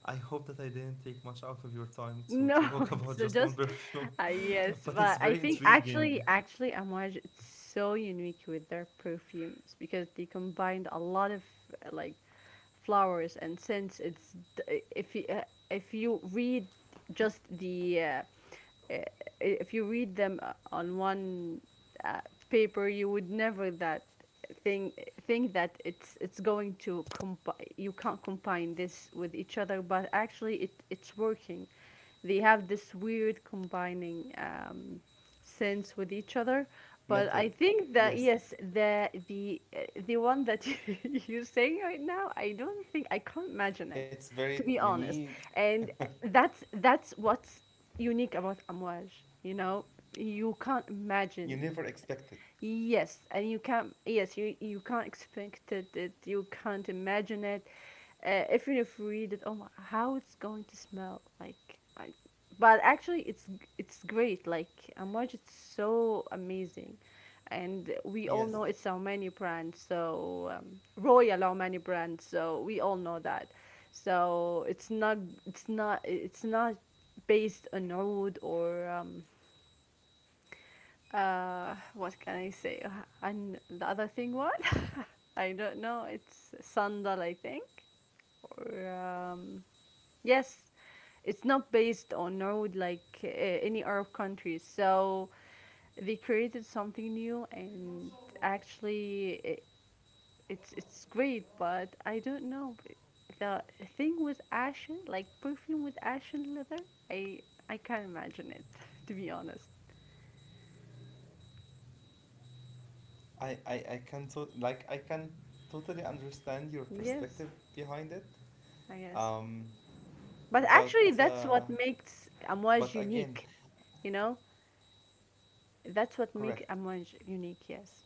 I hope that I didn't take much out of your time
No,
to
(laughs)
talk (laughs)
it's
about just one
just,
perfume, (laughs)
yes,
but it's
but I
very
think
intriguing
actually, Amouage is so unique with their perfumes because they combined a lot of like flowers and scents. It's d- if you read just the uh, if you read them on one uh, paper, you would never that think think that it's going to compi- you can't combine this with each other, but actually it's working. They have this weird combining sense with each other. But I
method.
think that
Yes,
yes, the one that (laughs) you're saying right now, I don't think I can't imagine it,
it's very
to be honest.
unique.
And that's what's unique about Amouage. You know, you can't
You
imagine.
never expect it.
Yes, and you can't. Yes, you can't expect it. You can't imagine it. Even if you read it, oh, my, how it's going to smell like. But actually, it's great. Like Amouage, it's so amazing, and we all know
Yes,
it's our many brand. So Royal our many brand. So we all know that. So it's not it's not based on oud or what can I say? And the other thing, what?
yeah,
(laughs) I don't know. It's sandal, I think.
it's it's
Or
like um,
yes, it's not based on road like any Arab country. So they created something new, and actually, it's great. But I don't know the thing with ashen, like perfume with ashen leather. I I can't imagine it, (laughs) to be honest.
I can totally understand your perspective behind it.
Yes,
Um,
I guess.
but
But actually, that's what
but
makes
again,
Amouage unique, you know?
correct.
That's what makes Amouage unique, yes.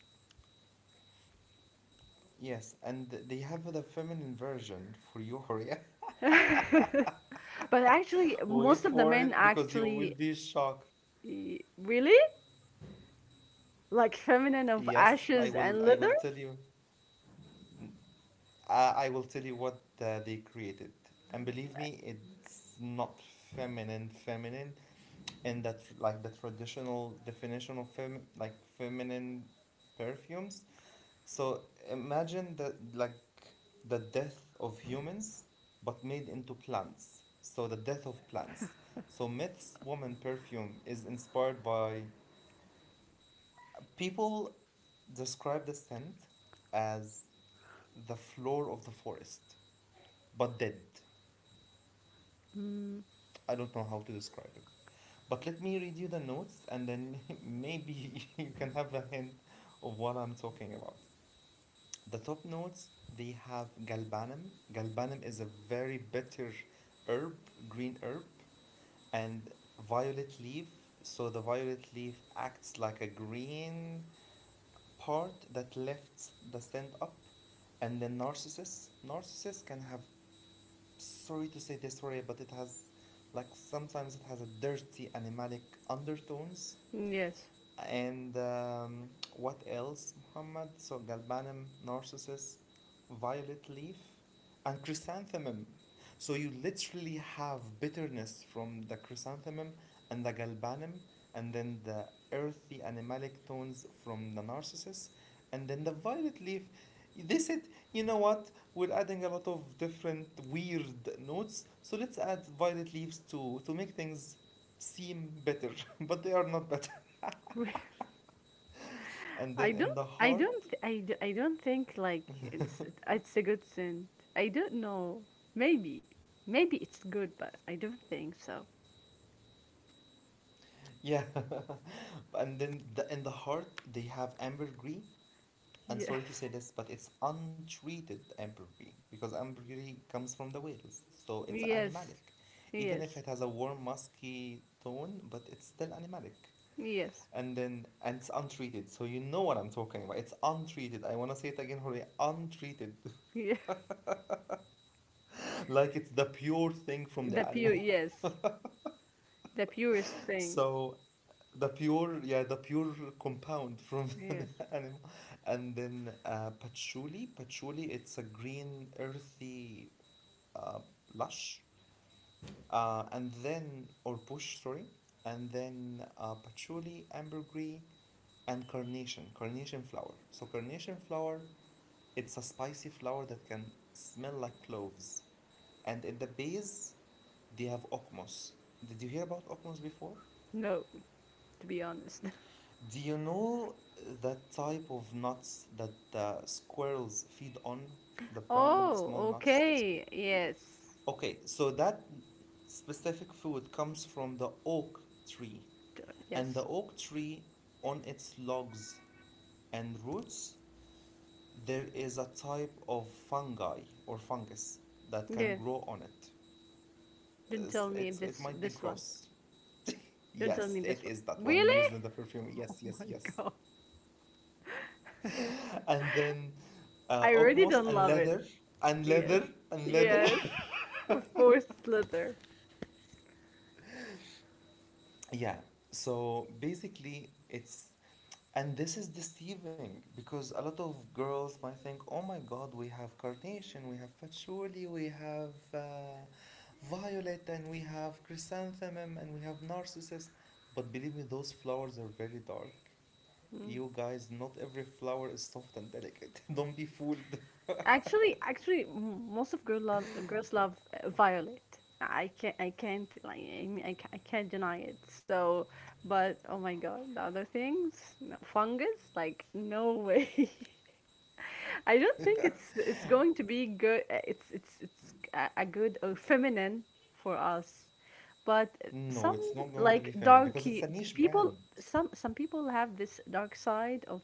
Yes, and they have the feminine version for you, Horia.
(laughs) But
(laughs)
actually,
Wait
most of
for
the
it
men
because you will
actually
be shocked.
y- really like feminine of
Yes, I
ashes
will.
and
I will
leather.
tell you. I will tell you what they created, and believe me, it's not feminine. Feminine, and that, like, the traditional definition of feminine perfumes. So imagine the death of humans but made into plants. So the death of plants. So Myth's woman perfume is inspired by people describe the scent as the floor of the forest, but dead.
Mm,
I don't know how to describe it. But let me read you the notes and then (laughs) maybe (laughs) you can have a hint of what I'm talking about. The top notes, they have galbanum. Galbanum is a very bitter herb, green herb, and violet leaf. So the violet leaf acts like a green part that lifts the scent up. And then narcissus. Narcissus can have, sorry to say this, sorry, but it has, like, sometimes it has a dirty animalic undertones.
yes.
And what else, Muhammad? So galbanum, narcissus, violet leaf, and chrysanthemum. So you literally have bitterness from the chrysanthemum and the galbanum, and then the earthy animalic tones from the narcissus, and then the violet leaf. They said, you know what? We're adding a lot of different weird notes, so let's add violet leaves to make things seem better, (laughs) but they are not better.
(laughs)
And then in the
I
heart,
don't th- I, d- I don't think like it's a good scent. I don't know. Maybe. Maybe it's good, but I don't think so.
yeah. (laughs) And then in the heart, they have ambergris.
(laughs)
And sorry to
Yes.
say this, but it's untreated ambergris because ambergris comes from the whales. So it's
Yes.
animalic. Even if
Yes.
it has a warm, musky tone, but it's still animalic.
Yes.
And then, and it's untreated. So you know what I'm talking about. It's untreated. I want to say it again, Hore. Untreated.
Yes.
(laughs) Like, it's the pure thing from
The
the animal.
pure, yes, the purest
(laughs)
thing.
So the pure, yeah, the pure compound from (laughs) the
Yes.
animal. And then patchouli, it's a green earthy uh, lush, and then or bush, sorry. And then patchouli, ambergris, and carnation flower. So carnation flower, it's a spicy flower that can smell like cloves. And in the base, they have ocmos. Did you hear about ocmos before?
No, to be honest. (laughs)
Do you know that type of nuts that the squirrels feed on? The brown
Oh,
small nuts?
okay. Yes.
Okay, so that specific food comes from the oak tree.
T-
And the
Yes.
oak tree, on its logs and roots, there is a type of fungi or fungus that can
Yeah.
grow on it.
Don't tell me
It's, it might be
this one.
gross.
Don't tell
Yes,
me this
it
one.
is that one
Really?
used
(laughs)
in the perfume. Yes,
Oh
yes,
my
yes.
God.
And then
I really
Okmos
don't
and
love it.
leather
Yes.
and leather.
Yes. Of course, Slither.
(laughs) Yeah. So basically, it's, and this is deceiving because a lot of girls might think, oh my God, we have carnation, we have patchouli, we have violet, and we have chrysanthemum, and we have narcissus. But believe me, those flowers are very dark.
Mm.
You guys, not every flower is soft and delicate. (laughs) Don't be fooled.
Actually, m- most of girl love girls love Violet. I can't, I can't, I mean, ca- I can't deny it. So, but oh my god, the other things, no, fungus, like no way. (laughs) I don't think it's going to be good. It's it's a good or feminine for us, but
No,
some
it's not going to
like
be feminine because it's
darky
a niche
people.
brand.
Some people have this dark side of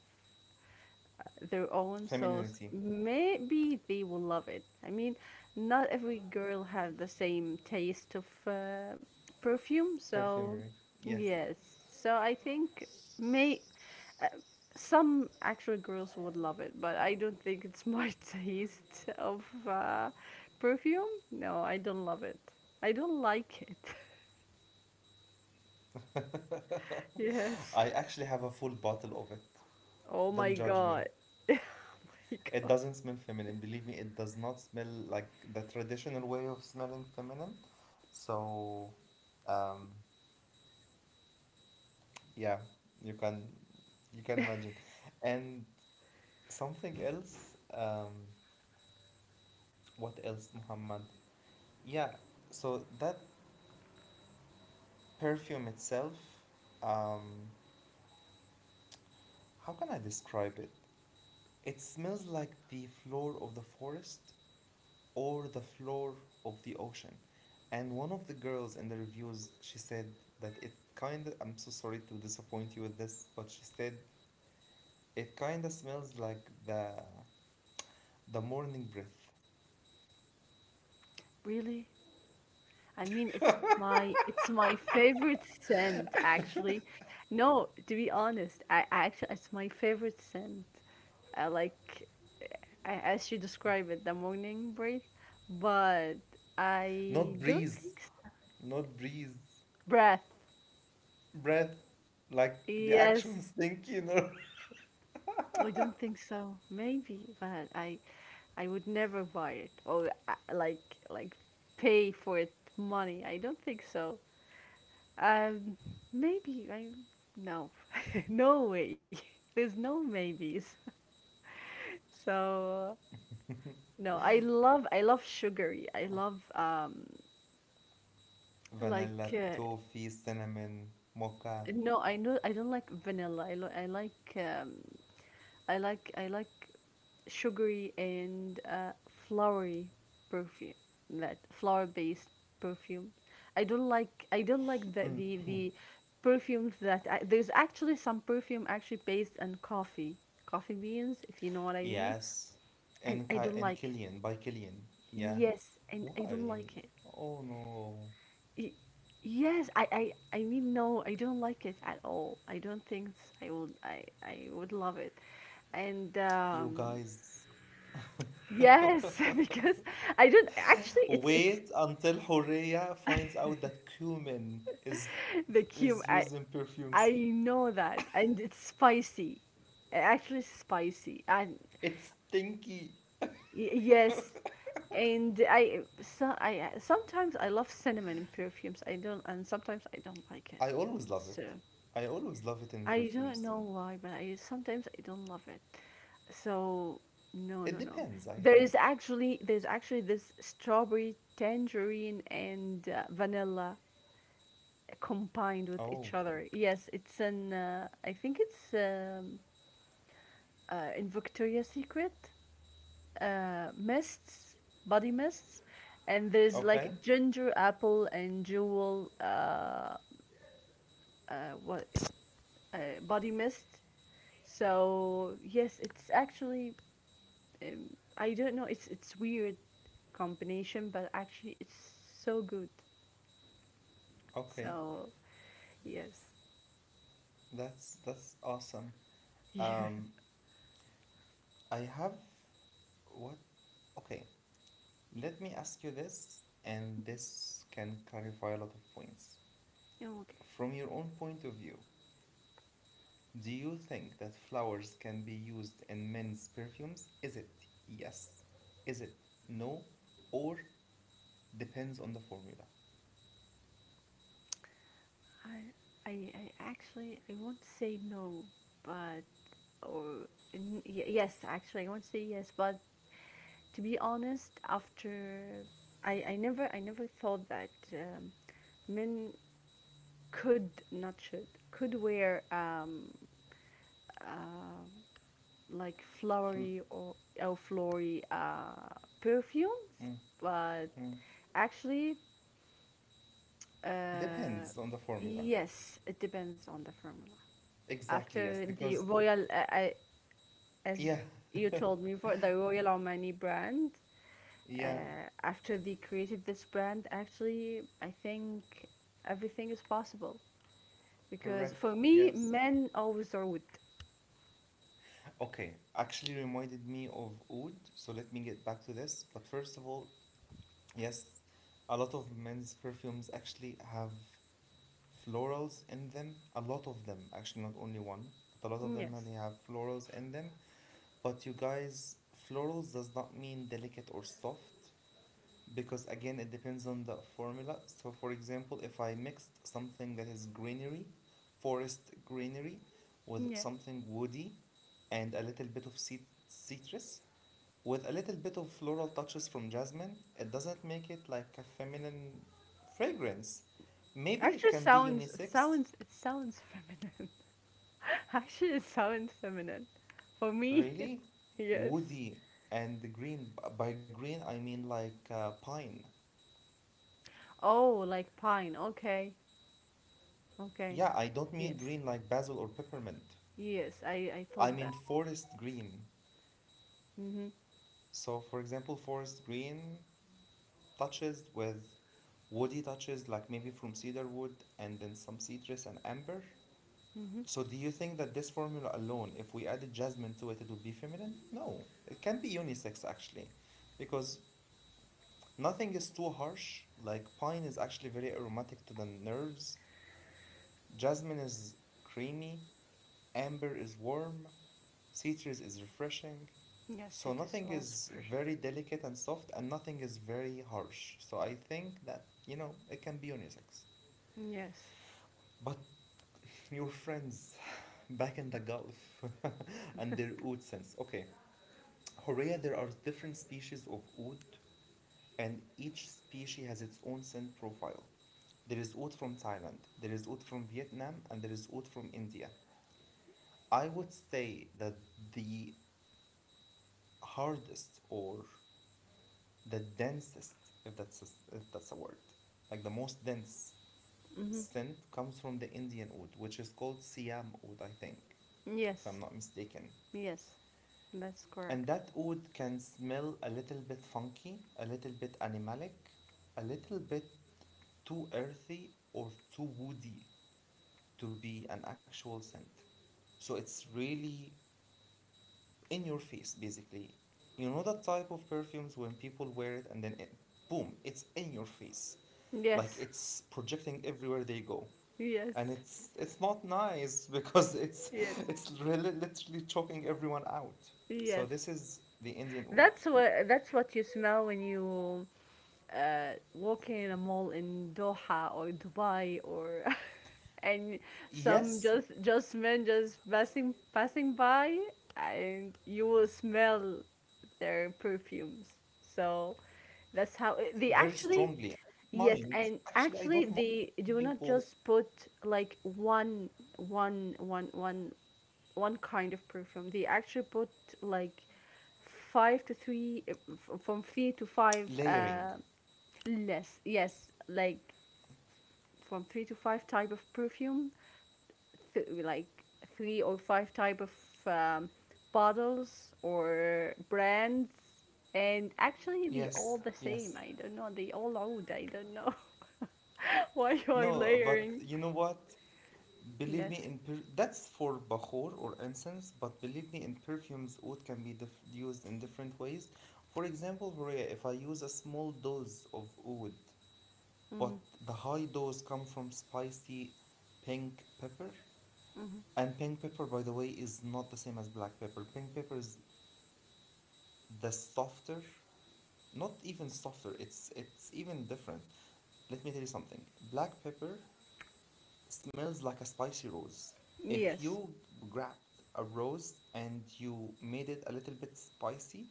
their own souls,
Femininity,
maybe they will love it. I mean, not every girl have the same taste of perfume, so
perfumery. Yes.
yes. So I think may uh, some actual girls would love it, but I don't think it's my (laughs) taste of perfume. No, I don't love it. I don't like it. (laughs)
(laughs)
yes.
I actually have a full bottle of it.
Oh
Don't
my
judge me.
god. (laughs) oh my
It
god.
doesn't smell feminine. Believe me, it does not smell like the traditional way of smelling feminine. So, um, yeah, you can you can imagine. And something else, what else, Muhammad? Yeah, so that perfume itself, um, how can I describe it? It smells like the floor of the forest or the floor of the ocean. And one of the girls in the reviews, she said that it kind of, I'm so sorry to disappoint you with this, but she said it kind of smells like the morning breath.
Really? I mean, it's my favorite scent actually. No, to be honest, I actually it's my favorite scent. I like I, as you describe it, the morning breath, but I
Not
don't
breeze,
think so.
not breeze,
Breath.
breath, like the actual
Yes,
stink, you know.
I don't think so. Maybe, but I would never buy it or like like pay for it money. I don't think so. Um, maybe I, no, (laughs) no way. (laughs) There's no maybes. (laughs) So no, I love sugary. I love
(laughs) Vanilla,
like uh,
toffee, cinnamon, mocha.
no, I know I don't like vanilla. I lo- I like I like sugary and flowery perfume that flower based perfume. I don't like the perfumes that there's actually some perfume actually based on coffee coffee beans if you know what I mean,
Yes,
and
and
I don't like it.
Killian by Killian. Yeah.
Yes, and I don't
Why?
like it.
Oh no.
Y- Yes, I mean no, I don't like it at all. I don't think I would love it. And
You guys.
yes, (laughs)
(laughs)
because I don't actually it's
Wait until Horea finds out that cumin
the cube.
is used in perfumes.
I know that. And it's spicy. Actually spicy. And
It's stinky.
y- yes. And I so I sometimes I love cinnamon in perfumes. I don't and Sometimes I don't like it.
I always love
So
it. I always love it in
I don't
perfumes.
know why, but I sometimes I don't love it. So no,
It
no, no.
depends, I
There is
think.
actually there's actually this strawberry, tangerine, and vanilla combined with
Oh,
each other. Yes, it's an. I think it's in Victoria's Secret mists, body mists, and there's like
okay.
ginger apple and jewel what uh, body mist. So yes, it's actually I don't know. It's weird combination, but actually it's so good.
Okay.
So yes,
That's awesome.
(laughs) yeah.
Um, I have what? Okay. Let me ask you this, and this can clarify a lot of points.
Okay.
From your own point of view, do you think that flowers can be used in men's perfumes? Is it yes? Is it no? Or depends on the formula?
I, I actually I won't say no, but or n- y- yes, actually I won't say yes, but to be honest, after I never thought that men could not should could wear uh, like
Fl-
flowery or flowery perfumes, but
mhm.
actually uh
Depends on the formula.
yes, it depends on the formula
Exactly, yes.
after the
Because,
royal as
yeah,
you told me for the Royal Omani brand,
(laughs) yeah,
after they created this brand, actually, I think everything is possible. Because
correct,
for me,
yes.
men always are with.
Okay, actually reminded me of oud, so let me get back to this. But first of all, yes, a lot of men's perfumes actually have florals in them. A lot of them, actually, not only one, but a lot of them they
Yes.
have florals in them. But you guys, florals does not mean delicate or soft because again, it depends on the formula. So, for example, if I mixed something that is greenery, forest greenery, with
Yeah.
something woody and a little bit of citrus, with a little bit of floral touches from jasmine, it doesn't make it like a feminine fragrance. Maybe it
Actually,
can be
sounds
unisex,
it sounds feminine. (laughs) Actually, it sounds feminine. For me,
really?
(laughs) yes.
Woody and green. By green, I mean like pine.
Oh, like pine. Okay.
Yeah, I don't
Okay.
mean green like
Yes.
basil or peppermint.
Yes.
I
I
mean
thought that.
forest green.
Mhm.
So, for example, forest green touches with woody touches, like maybe from cedar wood and then some citrus and amber.
Mhm.
So do you think that this formula alone, if we added jasmine to it, it would be feminine? No, it can be unisex actually, because nothing is too harsh. Like pine is actually very aromatic to the nerves. Jasmine is creamy. Amber is warm. Citrus is refreshing.
Yes,
So
it is
nothing
all
is
Persian.
very delicate and soft, and nothing is very harsh. So I think that, you know, it can be unisex.
Yes.
But your friends back in the Gulf (laughs) and their oud sense. Okay, Horea, there are different species of oud, and each species has its own scent profile. There is oud from Thailand, there is oud from Vietnam, and there is oud from India. I would say that the hardest or the densest, if that's a word, like the most dense
Hmm.
scent comes from the Indian oud, which is called Siam oud, I think, if I'm
Yes.
not mistaken.
Yes. That's
And
correct.
that oud can smell a little bit funky, a little bit animalic, a little bit too earthy or too woody to be an actual scent. So it's really in your face, basically. You know that type of perfumes when people wear it and then it, boom, it's in your face. Like it's
Yes. (laughs)
projecting everywhere they go. And it's
Yes.
it's not nice (laughs) because it's
Yes.
really literally choking everyone out. So this
Yes.
is the Indian oud.
That's what you smell when you walk in a mall in Doha or Dubai or (laughs) and
Yes,
some just men just passing by and you will smell their perfumes. So that's how they
very
actually.
strongly. I don't
Yes,
mind.
and
Actually, I don't
actually
mind
they do not
people
just put like one one kind of perfume. They actually put like five to three f- from three to five
layering.
less. Yes, like from three to five type of perfume, th- like three or five type of um, bottles or brands. And actually, they all
Yes,
the same.
yes.
I don't know. They all old. I don't know (laughs) why you are
No, but
layering.
you know what? Believe me,
Yes.
in per that's for bahur or incense, but believe me, in perfumes, oud can be dif used in different ways. For example, Horea, if I use a small dose of oud, but
Mm-hmm.
the high dose come from spicy pink pepper,
Mm-hmm.
and pink pepper, by the way, is not the same as black pepper. Pink pepper is the softer, not even softer, it's even different, let me tell you something, black pepper smells like a spicy rose. If
Yes.
you
(laughs)
grabbed a rose and you made it a little bit spicy,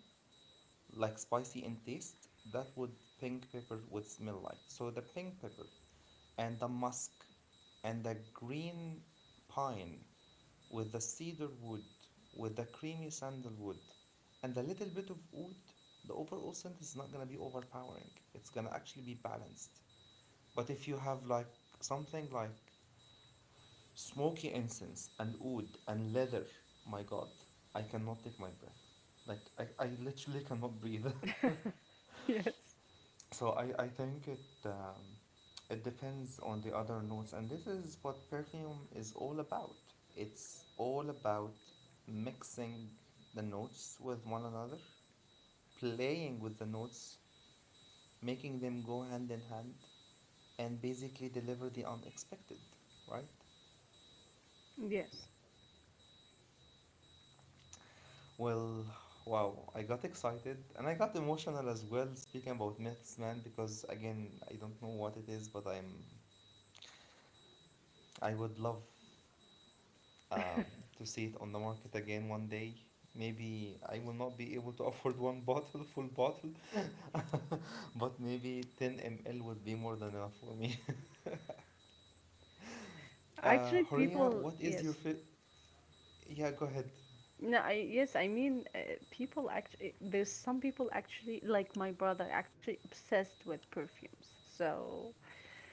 like spicy in taste, that would pink pepper would smell like. So the pink pepper and the musk and the green pine with the cedar wood, with the creamy sandalwood, and a little bit of oud, the overall scent is not gonna be overpowering. It's gonna actually be balanced. But if you have like something like smoky incense and oud and leather, my god, I cannot take my breath. Like I literally cannot breathe. (laughs)
Yes.
So I think it it depends on the other notes, and this is what perfume is all about. It's all about mixing the notes with one another, playing with the notes, making them go hand in hand, and basically deliver the unexpected, right?
Yes.
Well, wow, I got excited and I got emotional as well speaking about myths, man, because again, I don't know what it is, but I'm I would love um, to see it on the market again one day. Maybe I will not be able to (laughs) afford one bottle, full bottle, (laughs) but maybe 10 ml would be more than enough for me. (laughs)
Actually,
Horia,
people.
what is your
Yes.
fi- Yeah, go ahead.
No. Yes. I mean, people. Actually, there's some people actually like my brother actually obsessed with perfumes. So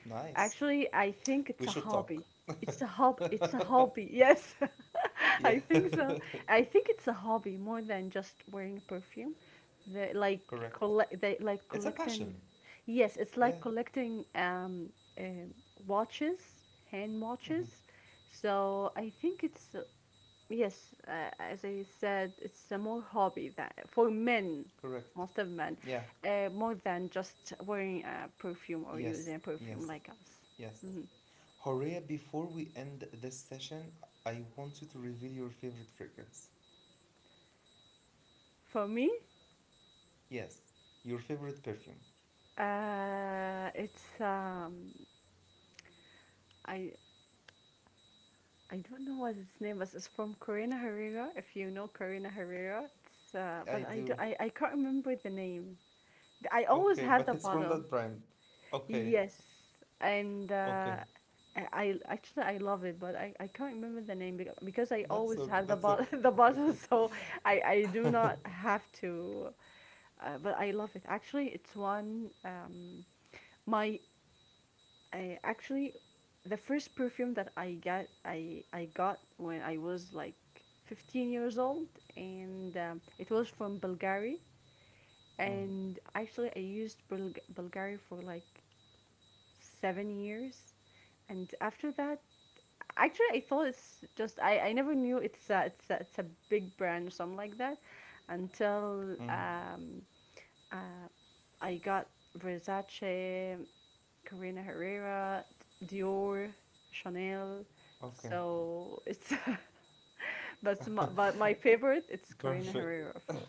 Nice.
actually, I think it's
We
a
should
hobby.
talk.
It's a hob it's a
(laughs)
hobby. Yes. (laughs)
Yeah,
I think so. I think it's a hobby more than just wearing perfume. They like
(laughs) correct.
collect they like
It's a
collecting
passion.
yes, it's
Yeah,
like collecting um watches, hand
mhm,
watches. So I think it's yes, as I said, it's a more hobby than for men,
correct.
most of men,
Yeah,
more than just wearing a perfume or
yes,
using a perfume
yes,
like us.
yes.
Mhm.
Horia, before we end this session, I want you to reveal your favorite fragrance.
For me,
Yes, your favorite perfume.
it's I I don't know what its name is. It's from Corina Herrera. If you know Corina Herrera, it's
I
but I, do,
do.
I can't remember the name. I always
Okay,
had
but
the
it's from
bottle.
that brand. Okay,
Yes, and
okay.
I- actually I love it, but I can't remember the name beca- because I
That's
always
okay.
have the
That's
bottle
okay.
(laughs) the bottle,
(laughs)
so I do not have to. But I love it. Actually, it's one my actually the first perfume that I got when I was like 15 years old, and it was from Bulgari.
Mm,
And actually, I used Bul- Bulgari for like 7 years, and after that, actually, I thought it's just I never knew it's a, it's a big brand or something like that, until
mm,
uh, I got Versace, Carina Herrera, Dior, Chanel.
okay.
So it's (laughs) but but my favorite it's
(laughs)
Carina
Perfect.
Herrera
(laughs)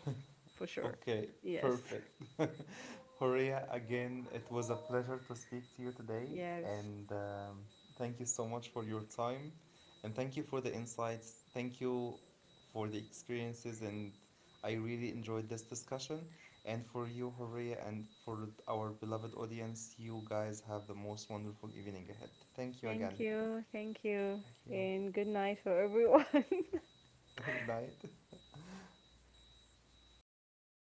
for sure.
Okay,
Yes.
perfect. (laughs) Horia, again, it was a pleasure to speak to you today,
Yes.
and thank you so much for your time, and thank you for the insights. Thank you for the experiences, and I really enjoyed this discussion. And for you, Horia, and for our beloved audience, you guys have the most wonderful evening ahead. Thank you again.
Thank you. Thank you.
Thank you.
And good night for everyone. (laughs)
(laughs) Night.